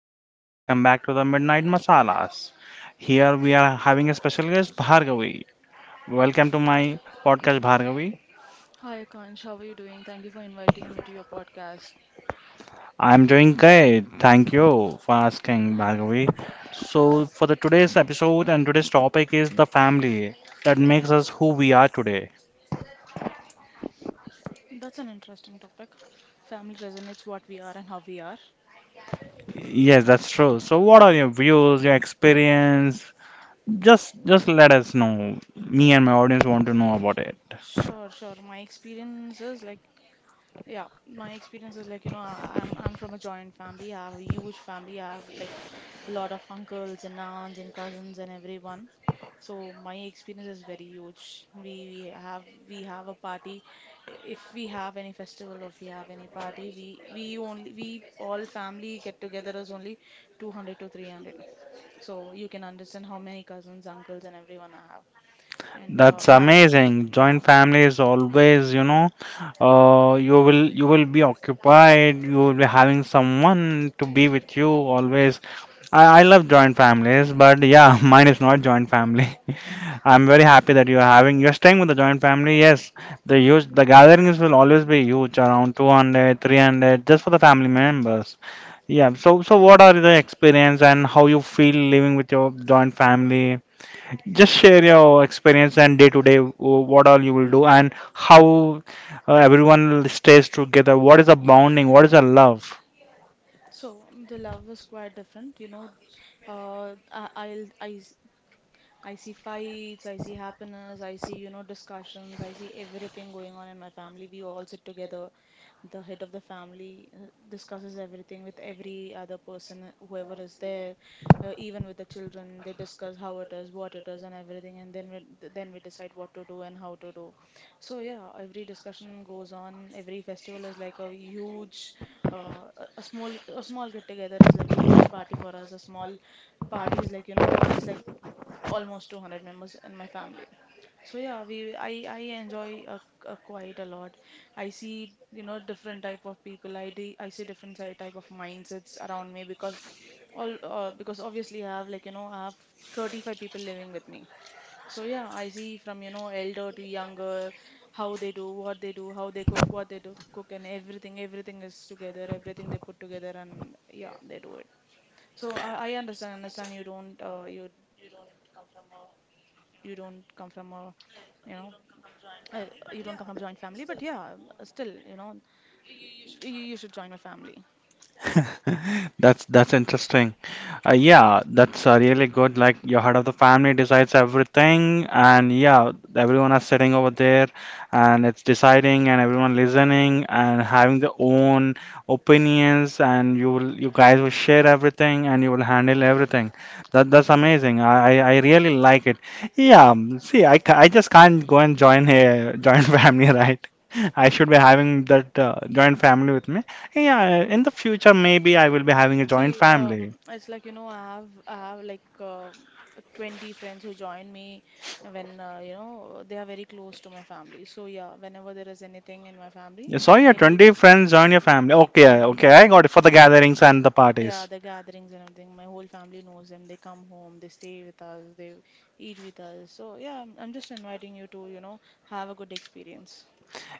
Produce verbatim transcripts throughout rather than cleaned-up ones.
Akant, and welcome back to the Midnight Masalas. Here we are having a special guest, Bhargavi. Welcome to my podcast, Bhargavi. Hi, Akansh. How are you doing? Thank you for inviting me to your podcast. I am doing great. Thank you for asking, Bhargavi. So, for the today's episode and today's topic is the family that makes us who we are today. That's an interesting topic. Family resonates what we are and how we are. Yes, that's true. So, what are your views, your experience? Just, just let us know. Me and my audience want to know about it. Sure, sure. My experience is like Yeah, my experience is like, you know, I- I'm I'm from a joint family. I have a huge family. I have like a lot of uncles and aunts and cousins and everyone. So my experience is very huge. We we have we have a party. If we have any festival or if we have any party, we we only we all family get together is only two hundred to three hundred. So you can understand how many cousins, uncles and everyone I have. And uh, That's my amazing. yeah. Joint family is always, you know, uh, you will you will be occupied. You will be having someone to be with you always. I, I love joint families, but yeah, mine is not joint family. I'm very happy that you're having you're staying with the joint family. Yes, the huge the gatherings will always be huge, around two hundred, three hundred, just for the family members. Yeah. So so what are the experience and how you feel living with your joint family? Just share your experience and day to day, w- what all you will do, and how uh, everyone stays together. What is a bonding? What is a love? So the love was quite different, you know. Uh, I, I'll I, I see fights, I see happiness, I see, you know, discussions, I see everything going on in my family. We all sit together. The head of the family uh, discusses everything with every other person, uh, whoever is there, uh, even with the children. They discuss how it is, what it is, and everything, and then we, th- then we decide what to do and how to do. So yeah, every discussion goes on. Every festival is like a huge, uh, a a small a small get together is like a huge party for us. A small party is like you know it's like almost two hundred members in my family. So yeah, we I I enjoy uh, uh, quite a lot. I see, you know, different type of people. I do, I see different si- type of mindsets around me because all uh, because obviously I have like, you know, I have thirty-five people living with me. So yeah, I see from, you know, elder to younger how they do, what they do, how they cook, what they do cook, and everything. Everything is together. Everything they put together, and yeah, they do it. So I, I understand, understand you don't, uh, you you don't come from a you know uh, you don't come from a joint family, but yeah, still, you know, you, you should join my family. That's that's interesting. Uh, yeah, that's uh, really good. Like your head of the family decides everything, and yeah, everyone is sitting over there, and it's deciding, and everyone listening, and having their own opinions, and you will, you guys will share everything, and you will handle everything. That that's amazing. I I I really like it. Yeah, um, see, I, ca- I just can't go and join a joint family, right? I should be having that uh, joint family with me. Yeah, in the future maybe I will be having a joint See, family. um, it's like, you know, I have I have like uh, twenty friends who join me when uh, you know, they are very close to my family. So yeah, whenever there is anything in my family, You saw your any twenty friends join your family. Okay, okay, y- I got it y- for the yeah. gatherings and the Yeah, parties. the gatherings and everything. My whole family knows them. They come home, they stay with us, they eat with us. So yeah, I'm, I'm just inviting you to, you know, have a good experience.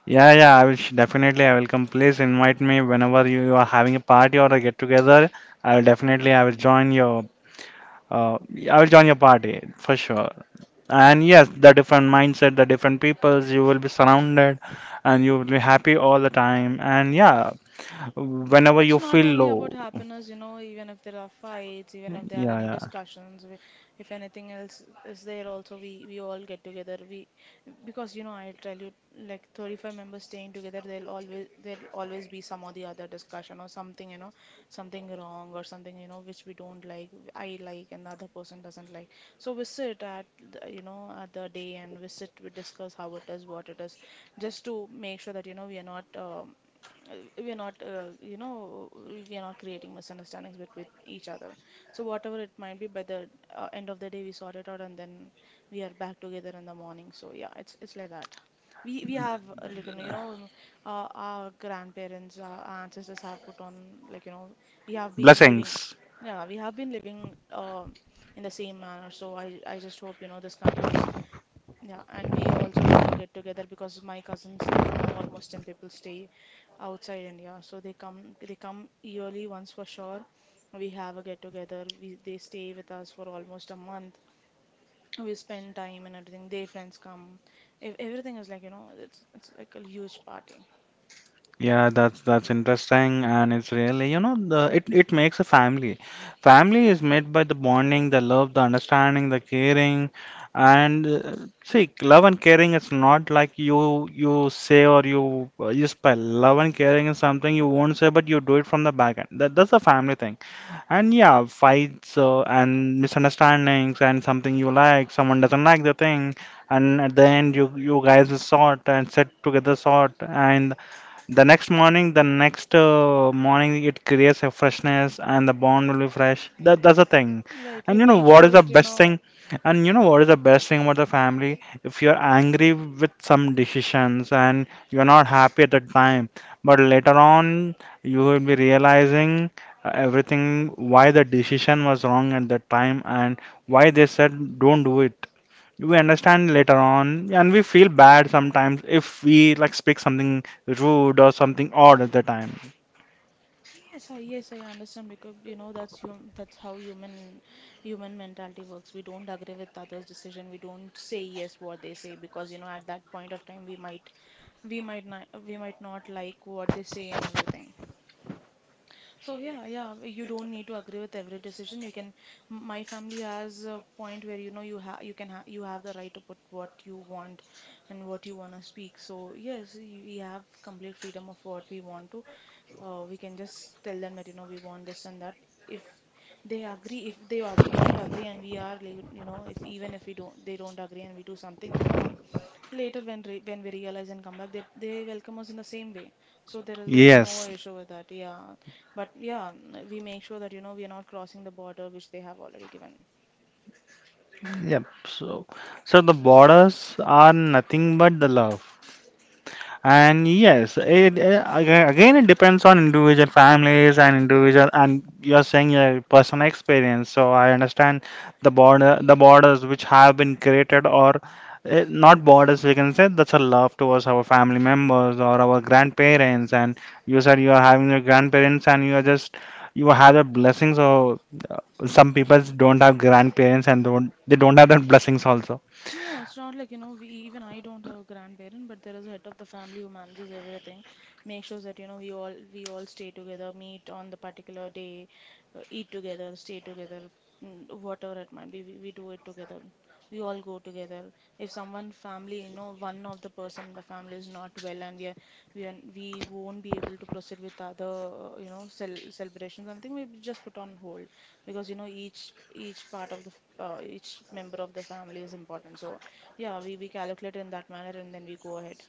Yeah, yeah, I will sh- definitely I will come. Please invite me whenever you, you are having a party or a get together. I will definitely I will join your uh, I will join your party for sure. And yes, the different mindset, the different peoples, you will be surrounded and you will be happy all the time. And yeah, whenever It's you not feel only about low, happiness, you know, even if there are fights, even if there are yeah, any yeah. discussions, we- if anything else is there also, we, we all get together. We, because you know, I tell you, like thirty-five members staying together, there'll always there'll always be some or the other discussion or something, you know, something wrong or something, you know, which we don't like, I like and the other person doesn't like. So we sit at the, you know, at the day and we sit, we discuss how it is, what it is, just to make sure that, you know, we are not um, uh, we are not, uh, you know, we are not creating misunderstandings between each other. So whatever it might be, by the uh, end of the day we sort it out, and then we are back together in the morning. So yeah, it's it's like that. We we have uh, like you know you know, uh, our grandparents, our ancestors have put on, like you know, we have been living Blessings. yeah, we have been living uh, in the same manner, so i i just hope, you know, this continues. Yeah, and we also have a get together because my cousins, like you know, almost ten people stay outside India, so they come they come yearly once for sure. We have a get together. We they stay with us for almost a month. We spend time and everything. Their friends come. Ev everything is like, you know, it's it's like a huge party. Yeah, that's that's interesting, and it's really, you know, the it it makes a family. Family is made by the bonding, the love, the understanding, the caring, and uh, see, love and caring is not like you you say or you uh, you spell. Love and caring is something you won't say, but you do it from the back end. That that's a family thing. And yeah, fights uh, and misunderstandings and something you like, someone doesn't like the thing, and at the end you you guys sort and sit together sort and the next morning, the next uh, morning, it creates a freshness and the bond will be fresh. That, that's the thing. Right, we And you know make what sure is the that you best thing? know. And you know what is the best thing about the family? If you're angry with some decisions and you're not happy at the time, but later on, you will be realizing uh, everything why the decision was wrong at that time and why they said don't do it. We understand later on and we feel bad sometimes if we like speak something rude or something odd at the time. Yes, I yes, I understand because, you know, that's hum that's how human human mentality works. We don't agree with others' decision. We don't say yes what they say because, you know, at that point of time, we might we might not we might not like what they say and everything. So yeah, yeah, you don't need to agree with every decision. You can m- my family has a point where, you know, you have you can ha you have the right to put what you want and what you want to speak. So yes, you, we have complete freedom of what we want to uh, we can just tell them that, you know, we want this and that. If they agree, if they ag- don't agree, and we are like, you know, if even if we don't they don't agree and we do something wrong, later when re when we realize and come back, that they welcome us in the same way, so there is there is no Yes. issue with that, yeah. But yeah, mm, we make sure that, you know, we are not crossing the border which they have already given. Yep. So, so the borders are nothing but the love. And yes, it, uh, aga- again it depends on individual families and individual and you're saying your personal experience. So I understand the border the borders which have been created or uh, not borders, we can say that's a love towards our family members or our grandparents. And you said you are having your grandparents and you are just you have a blessing. So uh, some people don't have grandparents and don't they don't have that blessings also. No, it's not like, you know, we even I don't have a grandparent, but there is a head of the family who manages everything, make sure that, you know, we all we all stay together, meet on the particular day, uh, eat together, stay together, mm, whatever it might be, we, we do it together. We all go together. If someone family, you know, one of the person in the family is not well, and we are we are we won't be able to proceed with other, uh, you know, cel celebrations or anything, we just put on hold because, you know, each each part of the uh, each member of the family is important. So yeah, we we calculate in that manner and then we go ahead.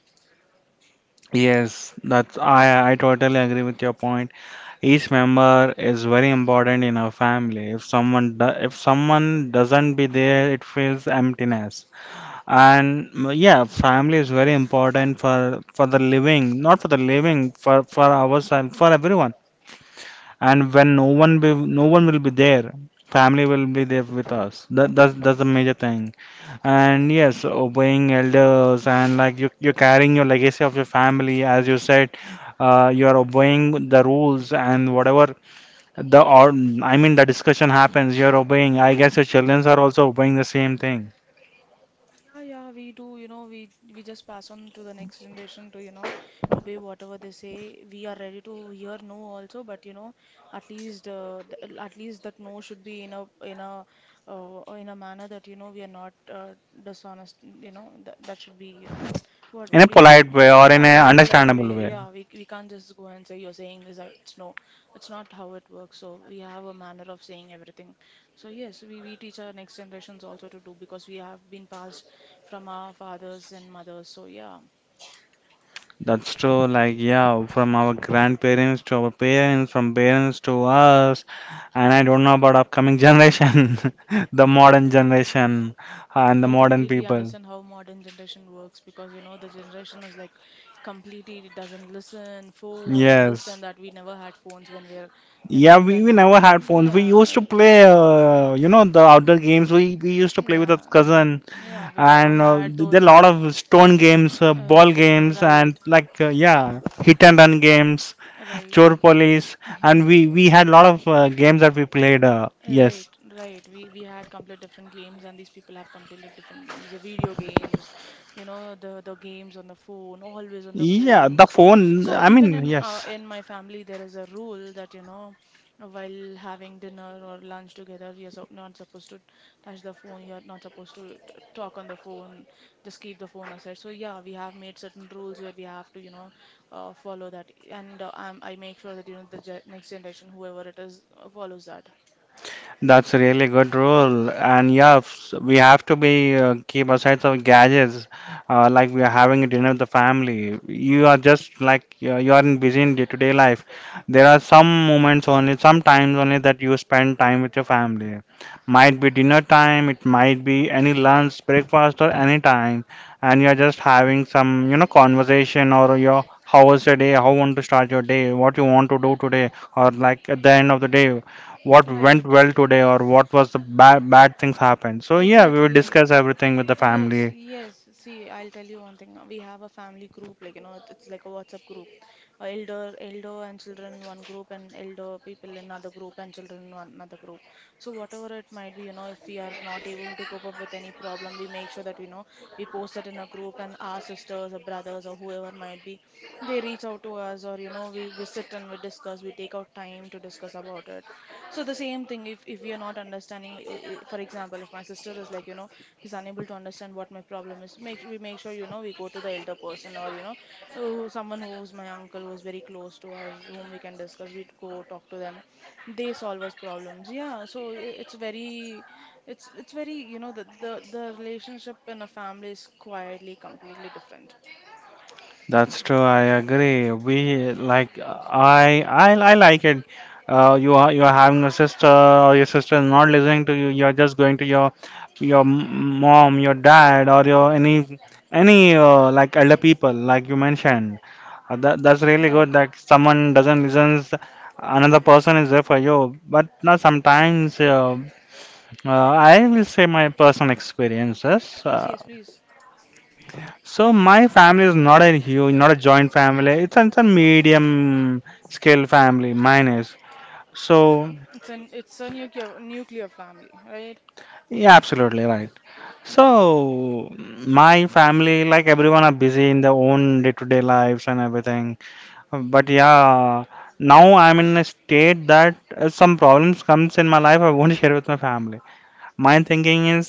Yes, that's I I totally agree with your point. Each member is very important in our family. If someone do, if someone doesn't be there, it feels emptiness. And mm, yeah, family is very important for for the living, not for the living, for for ourselves, for everyone. And when no one be no one will be there, family will be there with us. That that's that's the major thing. And yes, obeying elders and like you you're carrying your legacy of your family, as you said uh, you are obeying the rules and whatever the or I mean the discussion happens. You're obeying. I guess your children are also obeying the same thing Yeah, yeah, we do. You know, we we just pass on to the next generation to, you know, obey whatever they say. We are ready to hear no also, but, you know, at least uh, th- at least that no should be in a in a uh, in a manner that, you know, we are not uh, dishonest. You know, that that should be. What in a what do you say polite then? way or in a Yeah, polite understandable way. way. Yeah, we we can't just go and say you're saying this. I, it's no, it's not how it works. So we have a manner of saying everything. So yes, we we teach our next generations also to do, because we have been passed from our fathers and mothers. So yeah, That's true. Like yeah, from our grandparents to our parents, from parents to us, and I don't know about upcoming generation, the modern generation and the I modern completely people. understand how modern generation works, because, you know, the generation is like completely it doesn't listen, phones and this Yes. and that. We never had phones when we are, you Yeah, know, we, when we uh, never had phones. We used to yeah. play, uh, you know, the outdoor games. We we used to play with our Yeah, and cousin then yeah, we never and uh, had th- there are those. a lot Uh, of stone games, uh, ball uh, games, and right. like uh, yeah, hit and run games, Right. chor police, and we we had a lot of uh, games that we played. Uh, yes, Right, right. We we had complete different games, and these people have completely different games. The video games, you know, the the games on the phone, always on the yeah, phone. the So phone. so I even mean, in uh, yes. in my family, there is a rule that, you know, while having dinner or lunch together, you're so, not supposed to touch the phone. You're not supposed to t- talk on the phone. Just keep the phone aside. So yeah, we have made certain rules where we have to, you know, uh, follow that, and uh, I'm, I make sure that, you know, the ge- next generation, whoever it is, uh, follows that. That's a really good rule, and yeah, s- we have to be uh, keep aside some gadgets, uh, like we are having a dinner with the family. You are just like you are you are in busy in day-to-day life. There are some moments only, some times only that you spend time with your family. Might be dinner time, it might be any lunch, breakfast, or any time, and you are just having some you know conversation or your how was your day, how want to start your day, what you want to do today, or like at the end of the day what went Right. well today or what was the bad bad things happened. So yeah, we will Exactly. discuss everything with the Yes, family. yes. See, I'll tell you one thing. We have a family group, like you know, it- it's like a WhatsApp group. Uh, elder, elder and children one group, and elder people in another group, and children in another group. So whatever it might be, you know, if we are not able to cope up with any problem, we make sure that, you know, we post it in a group, and our sisters or brothers or whoever might be, they reach out to us, or, you know, we we sit and we discuss. We take out time to discuss about it. So the same thing, if if we are not understanding, uh, uh, for example, if my sister is like you know he's unable to understand what my problem is, make we make sure, you know we go to the elder person, or you know uh, someone who's my uncle, who's very close to us, whom we can discuss. We go talk to them, they solve us problems. Yeah, so i- it's very, it's it's very, you know the the, the relationship in a family is quietly completely different. That's true. I agree. We like I I I like it. Uh, you are you are having a sister or your sister is not listening to you. You are just going to your your m- mom, your dad, or your any any uh, like elder people like you mentioned. Uh, that that's really good Right. that someone doesn't listen. Another person is there for you. But now sometimes. Uh, Uh, I will say my personal experiences. Yes, Uh, yes, please. So my family is not a huge, not a joint family. It's a, it's a medium scale family. Mine is. So It's an it's a nuclear nuclear family, right? yeah, absolutely right. So my family, like everyone, are busy in their own day-to-day lives and everything. But yeah, now I'm in a state that if some problems comes in my life, I won't share with my family. My thinking is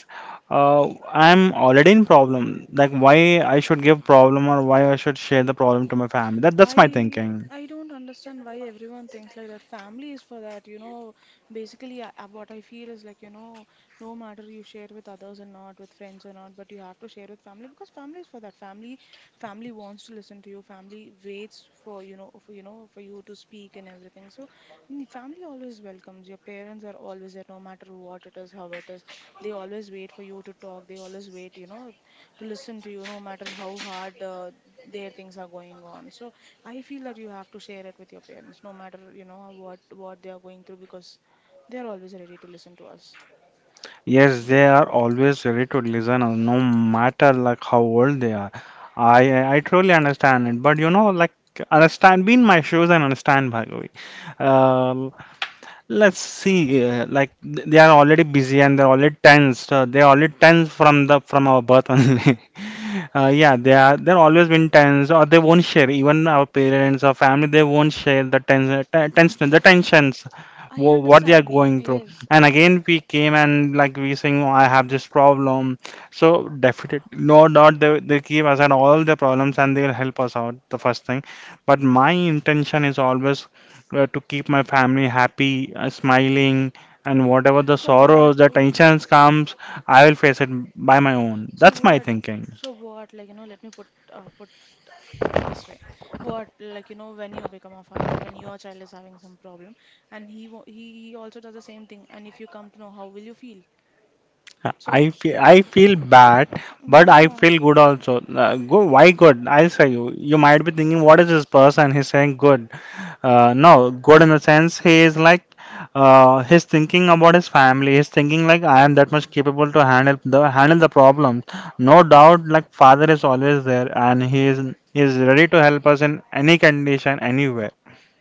uh, I'm already in problem, like why I should give problem or why I should share the problem to my family. That that's my I thinking. I don't understand why everyone thinks like that. Family is for that, you know. Basically, I, I- what I feel is like, you know, no matter you share with others or not, with friends or not, but you have to share with family because family is for that. Family, family wants to listen to you. Family waits for, you know, for, you know, for you to speak and everything. So, mm, family always welcomes. Your parents are always there, no matter what it is, how it is. They always wait for you to talk. They always wait, you know, to listen to you, no matter how hard uh, their things are going on. So. I feel that you have to share it with your parents, no matter you know what what they are going through, because they are always ready to listen to us. Yes, they are always ready to listen, uh, no matter like how old they are. i i I truly understand it, but you know, like understand be in my shoes and understand bhagavi uh, let's see. Uh, like th- they are already busy and they're already tensed, uh, they're already tensed from the from our birth only. Uh, yeah, they are. They're always been tense, or they won't share. Even our parents or family, they won't share the tens, ten- tension, the tensions, I wh- what they are understand. going through. Yes. And again, we came and like we saying, "Oh, I have this problem. So definitely, no doubt, they they keep aside all the problems and they will help us out. The first thing, but my intention is always uh, to keep my family happy, uh, smiling, and whatever the So what? sorrows, the w- w- tensions comes, I will face it by my own. So That's my what? thinking. So what? Like you know, let me put, uh, put in this way. What? Like you know, when you become a father, when your child is having some problem, and he wa- he he also does the same thing, and if you come to know, how will you feel? So I feel I feel bad, but I yeah. feel good also. Uh, go, why good? I'll say you. You might be thinking, what is this person? He's saying good. Uh, no, good in the sense he is like, uh, he's thinking about his family. He's thinking like I am that much capable to handle the handle the problem. No doubt, like father is always there, and he is he is ready to help us in any condition, anywhere.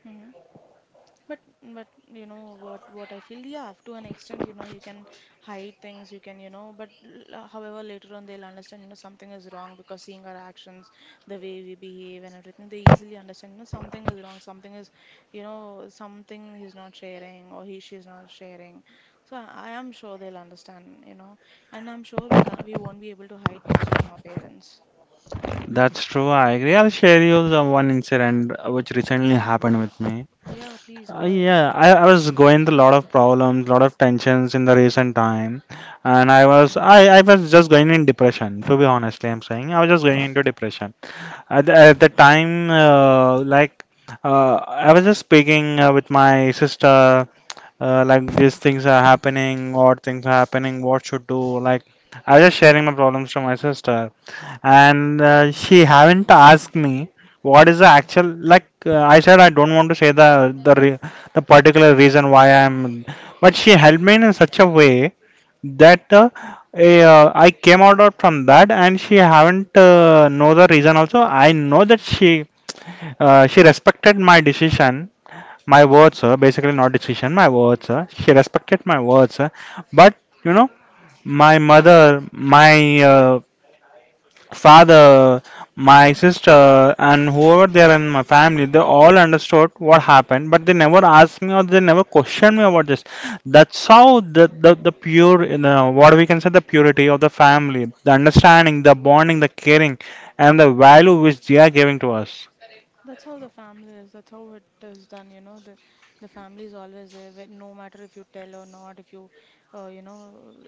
Mm-hmm. But but you know what what I feel, yeah, up to an extent, you know, you can hide things, you can, you know, but l- however later on they'll understand, you know, something is wrong because seeing our actions, the way we behave and everything, they easily understand, you know, something is wrong, something is, you know, something he's not sharing or he she's not sharing. So I, I am sure they'll understand, you know, and I'm sure we can't we won't be able to hide much from our parents. That's true. I agree. I'll share you the one incident which recently happened with me. Yeah, please go Uh, ahead. Yeah, I, I was going through a lot of problems, lot of tensions in the recent time, and I was I, I was just going in depression. To be honest, I'm saying I was just going into depression. At, the- at the time, uh, like uh, I was just speaking uh, with my sister, uh, like these things are happening, what things are happening, what should do. Like I was just sharing my problems to my sister, and uh, she haven't asked me what is the actual like uh, I said I don't want to say the the re- the particular reason why I'm, but she helped me in such a way that uh, eh, uh, I came out, out from that. And she haven't uh, know the reason also. I know that she uh, she respected my decision, my words, uh, basically not decision, my words, uh, she respected my words, uh, but you know, my mother, my uh, father, my sister, and whoever there in my family, they all understood what happened, but they never asked me or they never questioned me about this. That's how the the, the pure, you know, what we can say, the purity of the family, the understanding, the bonding, the caring, and the value which they are giving to us. That's how the family is. That's how it is done. You know, the the family is always there. whe- No matter if you tell or not, if you, uh, you know,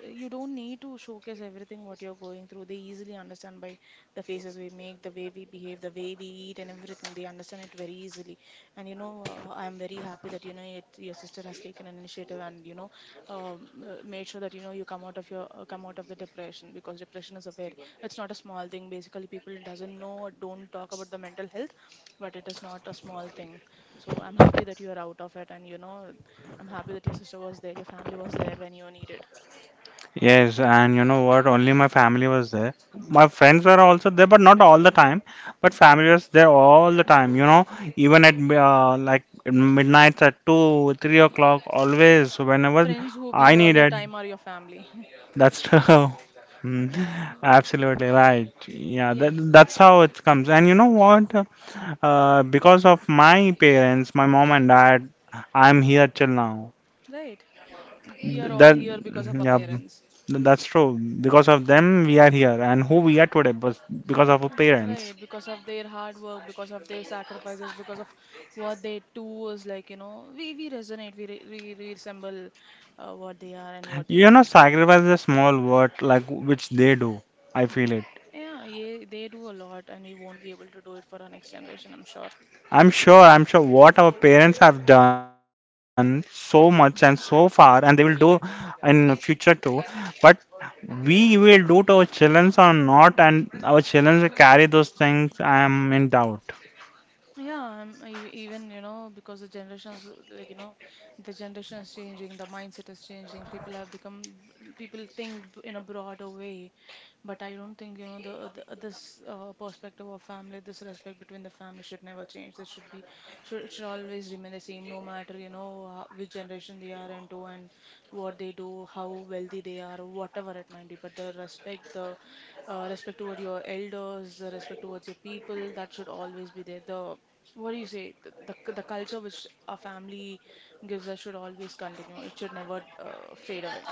you don't need to showcase everything what you're going through. They easily understand by the faces we make, the way we behave, the way we eat, and everything. They understand it very easily. And you know, uh, I'm very happy that you know it, your sister has taken an initiative, and you know, um, uh, made sure that you know you come out of your uh, come out of the depression, because depression is a very it's not a small thing. Basically, people doesn't know, don't talk about the mental health, but it is not a small thing. So I'm happy that you are out of it, and you know, I'm happy that your sister was there, your family was there when you needed. Yes, and you know what? Only my family was there. My friends were also there, but not all the time. But family was there all the time. You know, even at uh, like midnight at two, three o'clock, always whenever Friends who be I all the needed. time are your family. That's true. Mm, Yeah. absolutely right. Yeah, that, Yes. that's how it comes. And you know what? Uh, because of my parents, my mom and dad, I'm here till now. Right. We are all That, here because of our yeah, parents. that's true. Because of them, we are here and who we are today, but because of our Uh, parents. Right, because of their hard work, because of their sacrifices, because of what they do is like, you know, we, we resonate, we, re, we, we resemble, uh, what they are and what they You do. know, sacrifice is a small word like which they do. I feel it. Yeah, yeah, they do a lot, and we won't be able to do it for our next generation, I'm sure. I'm sure, I'm sure, what our parents have done so much and so far, and they will do in future too. But we will do to our children or not, and our children will carry those things. I am in doubt. Yeah, um, e- even you know, because the generations uh, like you know the generation is changing, the mindset is changing. People have become people think, b- in a broader way, but I don't think you know the, the uh, this uh, perspective of family, this respect between the family should never change. This should be should it should always remain the same, no matter you know how, which generation they are into and what they do, how wealthy they are, or whatever it might be. But the respect, the uh, respect toward your elders, the respect towards your people, that should always be there. The, what do you say? The, the, the culture which our family gives us should always continue. It should never uh, fade away.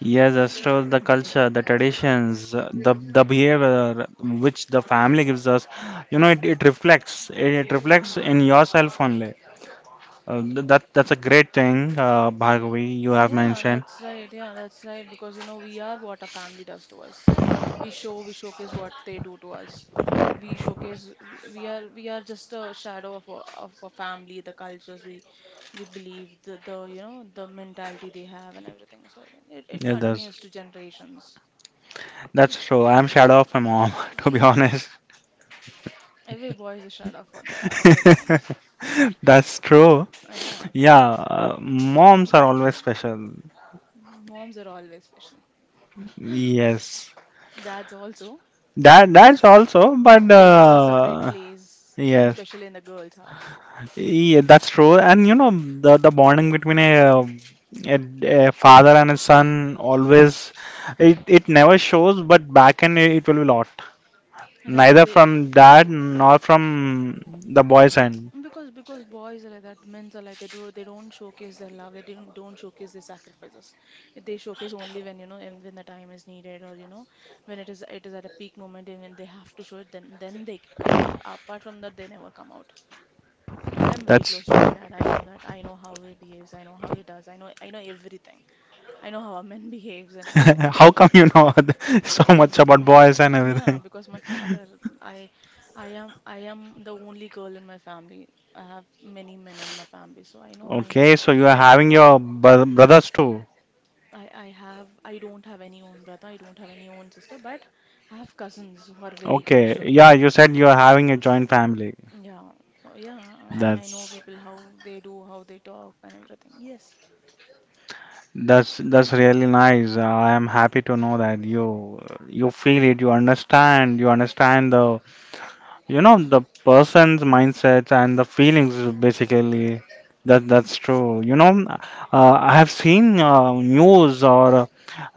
Yes, as well the culture, the traditions, uh, the the behavior which the family gives us, you know, it, it reflects. It, it reflects in yourself only. Uh, th- that that's a great thing, uh, Bhargavi. You have Yeah, mentioned. that's right. Yeah, that's right. Because, you know, we are what a family does to us. We show, we showcase what they do to us. We showcase, we, we are, we are just a shadow of our, of a family, the cultures we, we believe, the, the, you know, the mentality they have and everything. So it, it Yeah, continues to that's generations. that's true. I'm shadow of my mom, to be honest. Every boy is a shadow of their, of their moms. That's true. Yeah. Yeah, uh, moms are always special. Moms are always special. Yes, Dads also, that that's also, but they have a separate uh, place, and yes. especially in the girls' heart. Yeah, that's true. And you know, the the bonding between a, um, a, a father and a son always, it it never shows, but back end it, it will be lot. Right, Neither they, from dad nor from the boy's end. because because boys are like that, men are like they do they don't showcase their love, they don't don't showcase their sacrifices. They showcase only when you know and when the time is needed, or you know, when it is it is at a peak moment, and when they have to show it, then then they come out. Apart from that, they never come out. I am very That's close to my dad. I know that. I know how he behaves. I know how he does. I know I know everything. I know how a man behaves and everything. how come you know so Mm, much Because about um, boys and yeah, everything. because my father, I, I am, I am the only girl in my family. I have many men in my family, so I know, I, Okay, so you are I am. having your bro- brothers too. I, I have I don't have any own brother, I don't have any own sister, but I have cousins who are very close to Okay, me, yeah, and you said you are having a joint family. yeah. So yeah, I, I know That's people how they do, how they talk and everything. Yes. That's that's really nice. I am happy to know that you you feel it, you understand, you understand the, you know, the person's mindset and the feelings is basically that that's true. You know, uh, I have seen uh, news or uh,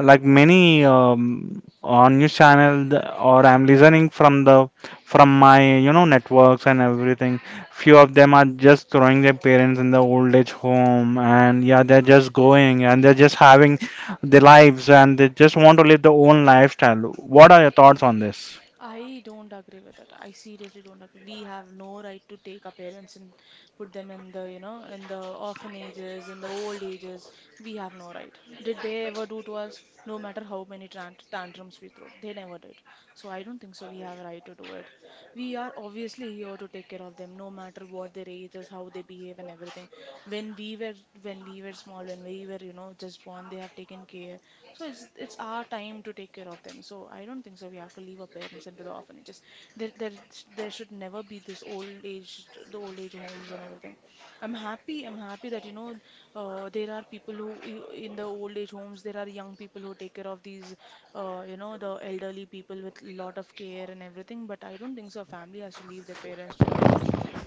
like many um, on news channel th- or I'm listening from the, from my, you know, networks and everything. Few of them are just throwing their parents in the old age home, and yeah, they're just going and they're just having their lives, and they just want to live their own lifestyle. What are your thoughts on this? I don't agree with it. I seriously don't agree. We have no right to take our parents and put them, in the, you know, in the orphanages, in the old ages. We have no right. Did they ever do to us? No matter how many tant tantrums we throw, they never did. So I don't think so we have a right to do it. We are obviously be here to take care of them, no matter what their ages, how they behave and everything. when we were when we were small, when we were, you know, just born, they have taken care. So it's it's our time to take care of them, so I don't think so we have to leave our parents into the orphanages. there there there should never be this old age the old age homes and everything. I'm happy. I'm happy that, you know, uh, there are people who, i- in the old age homes, there are young people who take care of these, uh, you know, the elderly people with lot of care and everything. But I don't think so a family has to leave their parents in the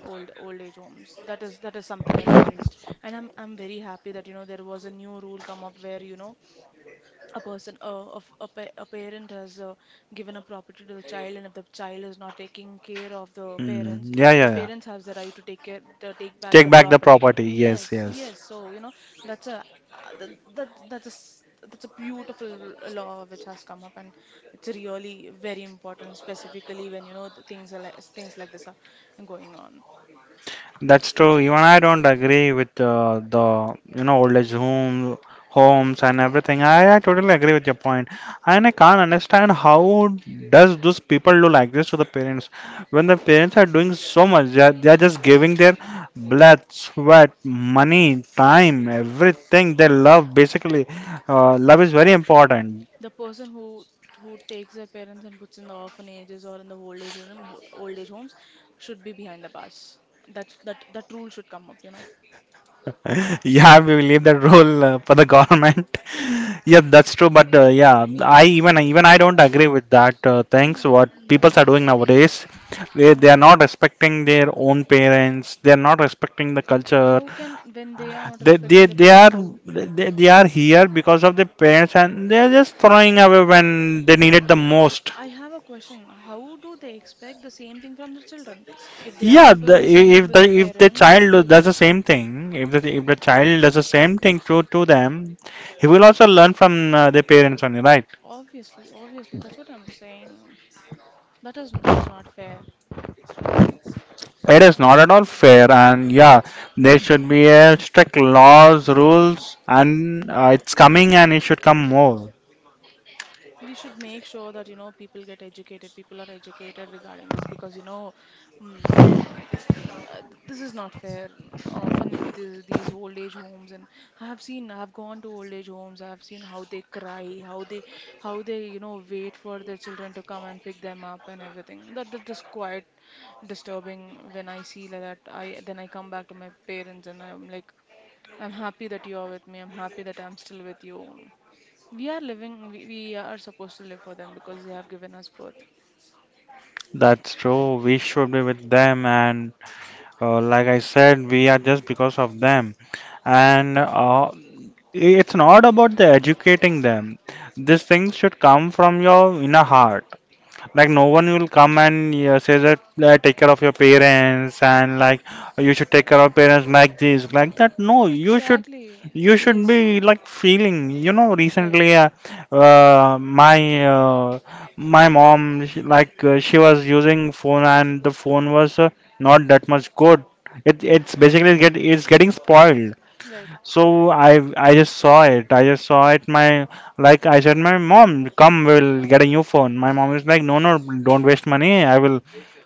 old old age homes. That is that is something against. And I'm I'm very happy that, you know, there was a new rule come up where, you know, a person uh, of a, pa- a parent has uh, given a property to the child, and if the child is not taking care of the parents, Mm, yeah, yeah, the yeah. parents have the right to take care the take back Take the back the property. property. Yes, Yes, yes. yes, so you know, that's a uh, that, that that's a s- that's a beautiful r- law which has come up, and it's really very important, specifically when you know the things are like, things like this are going on. That's true. Even I don't agree with uh, the, you know, old age home homes and everything. I, I totally agree with your point. And I can't understand how does those people do like this to the parents, when the parents are doing so much. They are, they are just giving their blood, sweat, money, time, everything they love. Basically, uh, love is very important. The person who who takes their parents and puts in the orphanages or in the old age home, ho- old age homes, should be behind the bars. That that that rule should come up, you know. Yeah, we will leave that role uh, for the government. Yeah, that's true. But uh, yeah, I, even even I don't agree with that uh, things. Yeah, What people are yeah, doing nowadays, they yeah. they are not respecting their own parents. They are not respecting the culture. How can, when they are not They they, respecting their they parents? are How? they, they are here because of their parents, and they are just throwing away when they need it the most. I have a question. How do they expect the same thing from their children? If they are Yeah, not the, doing the i- same if thing to the their if the parents, child how do they do- does the expect? same thing, if the if the child does the same thing to to them, he will also learn from uh, their parents only, right? Obviously, obviously, that's what I'm saying. That is that is not fair. It is not at all fair, and yeah, there should be a strict laws, rules, and uh, it's coming, and it should come more. We should make sure that you know people get educated people are educated regarding this, because you know, mm, uh, th- this is not fair, often, it- these these old age homes. And I have seen, I have gone to old age homes. I have seen how they cry, how they, how they you know, wait for their children to come and pick them up and everything. That that is quite disturbing. When I see like that, I then I come back to my parents and I'm like, I'm happy that you are with me. I'm happy that I'm still with you. We are living, we, we are supposed to live for them, because they have given us birth. That's true. We should be with them, and uh, like I said, we are just because of them, and uh, it's not about the educating them. These things should come from your inner heart. Like no one will come and uh, say that uh, take care of your parents, and like you should take care of parents like this, like that. No, you should, Exactly. you should Yes. be like feeling, you know. Right. Recently uh, uh, my uh, my mom, she, like uh, she was using phone, and the phone was uh, not that much good. It, Mhm. it's basically get, it's getting spoiled. Right. So I I just saw it. I just saw it. My, like I said, my mom, come, we'll get a new phone. My mom is like, no, no, don't waste money. I will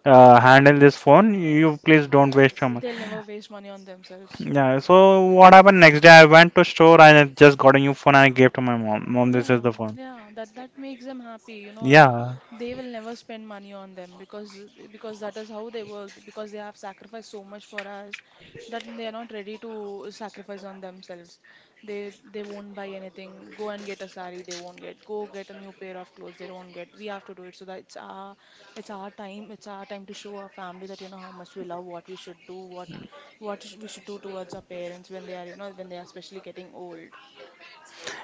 uh, handle this phone. You please don't waste your money. They'll never waste money on themselves. Yeah. So what happened next day? I went to store and I just got a new phone and I gave to my mom. Mom, this is Yeah, the phone. yeah, that that makes them happy. You know, it, Yeah. they will never spend money on them, because because that is how they work. Because they have sacrificed so much for us that they are not ready to sacrifice on themselves. They they won't buy anything. Go and get a saree, they won't get. Go get a new pair of clothes, they won't get. We have to do it so that it's our it's our time. It's our time to show our family that you know how much we love, what we should do, what what sh- we should do towards our parents when they are, you know, when they are especially getting old.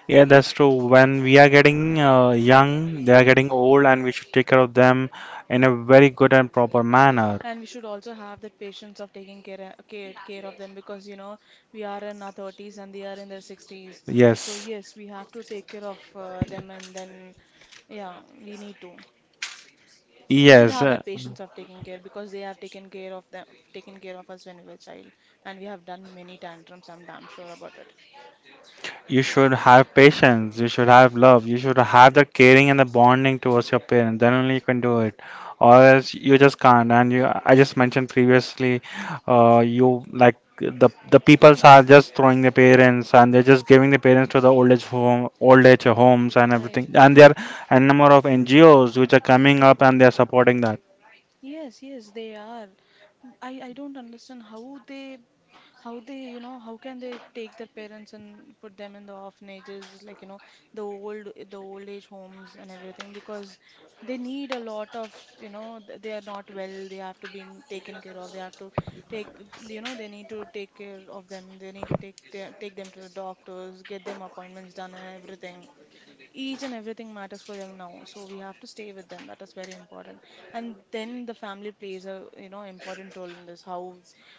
Yeah, that's true. When we are getting uh, young, they are getting old, and we should take care of them in a very good and proper manner. And we should also have that patience of taking care, uh, care care of them because, you know, we are in our thirties and they are in their sixties. So Yes. yes, we have to take care of uh, them, and then yeah, we need to. We should Yes. have that patience of taking care because they have taken care of them, taken care of us when we were child, and we have done many tantrums. I'm damn sure about it. You should have patience, you should have love, you should have the caring and the bonding towards your parents, then only you can do it, or else you just can't. And you, I just mentioned previously, uh, you like the the peoples are just throwing their parents, and they're just giving the parents to the old age home old age homes and Right. everything, and there are a number of N G Os which are coming up and they are supporting that. Yes, yes, they are. Mm, I, I don't understand how they how they you know, how can they take their parents and put them in the orphanages, like, you know, the old the old age homes and everything, because they need a lot of, you know, th- they are not well, they have to be taken care of, they have to take you know, they need to take care of them, they need to take their, take them to the doctors, get them appointments done and everything. Each and everything matters for them now, so we have to stay with them. That is very important. And then the family plays a, you know, important role in this. How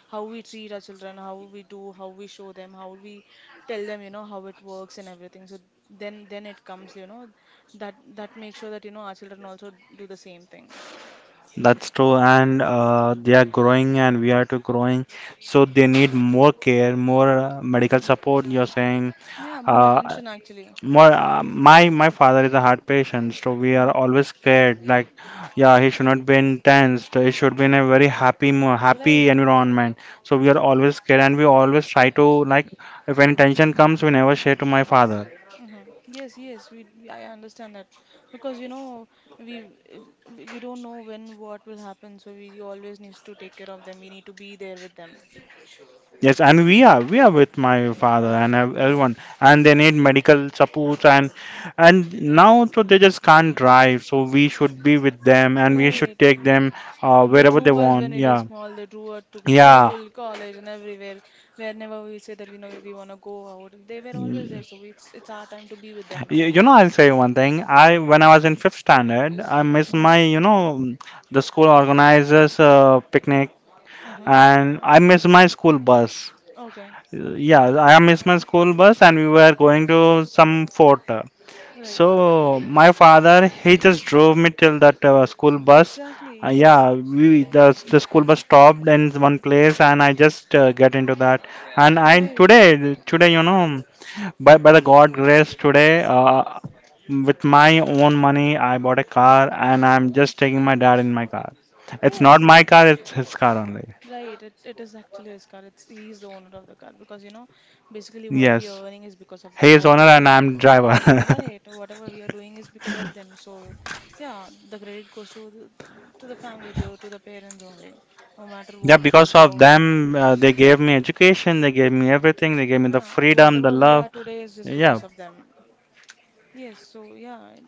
how we treat our children, how we do, how we show them, how we tell them, you know, how it works and everything. So then then it comes, you know, that that makes sure that, you know, our children also do the same thing. That's true, and uh, they are growing and we are too growing, so they need more care, more uh, medical support you're saying. Yeah, more Uh, attention actually. more, uh, my my father is a heart patient, so we are Hmm. always scared. Like, yeah, he should not be in tensed. He should be in a very happy, mo- happy Right. environment. So we are always scared, and we always try to like, if any tension comes, we never share to my father. Hmm. Yes, yes, we, we I understand that, because you know, we we we don't know when what will happen, so we always need to take care of them. We need to be there with them. Yes, and we are, we are with my father Yeah, and ev- yeah, everyone, and they need medical support. and and now so they just can't drive, so we should be with them and we should right. take them uh, They wherever they drew us when want. we were Yeah, small. They drew us to yeah. school, college, and everywhere. Whenever we say that we know we want to go out, they were always there. So it's it's our time to be with them You, now. you know, I'll say one thing. I when I was in fifth standard, I miss Mm-hmm. my, you know, the school organizers uh, picnic, Mm-hmm. and I miss my school bus. Okay. Yeah, I miss my school bus, and we were going to some fort. Right. So my father he just drove me till that uh, school bus. Exactly. Uh, yeah, Yes. we, the the school bus stopped in one place, and I just uh, get into that. And I Right. today today you know. By, by the God grace, today, uh, with my own money, I bought a car and I'm just taking my dad in my car. It's not Yes. my car, it's his car only. Right, it, it is actually his car. It's he's the owner of the car because, you know, basically what we Yes. are earning is because of He them. is What owner we are and doing, I'm driver. right? Whatever we are doing is because of them. So, yeah, the credit goes to the, to the family, the to the parents only. No matter Yeah, what it is, because of how, them, uh, they gave me education, they gave me everything, they gave me the yeah, freedom, the whatever we are love. today is just Yeah, because of them. Yes. So yeah,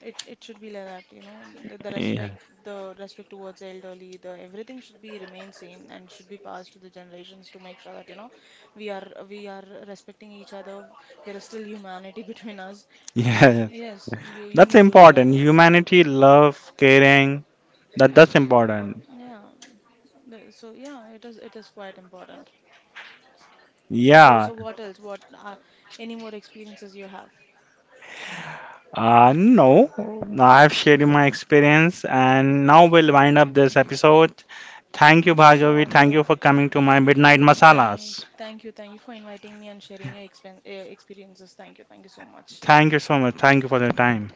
It it should be like that, you know, the, the yeah, respect, the respect towards elderly, the everything should be remain same and should be passed to the generations to make sure that, you know, we are we are respecting each other. There is still humanity between us, and yeah. yes, you you That's need to do that. important. um, Humanity, love, caring. That that's important. Yeah, the- so yeah, it is it is quite important. So Yeah. so what else? What uh, any more experiences you have? Uh, no, I've shared my experience and now we'll wind up this episode. Thank you, Sure, Bhagavi. Thank you sure. for coming to my Midnight Thank, Masalas. thank you, thank you for inviting me and sharing your expen uh, experiences. Thank you, thank you so much. Thank you so much. Thank you for your time.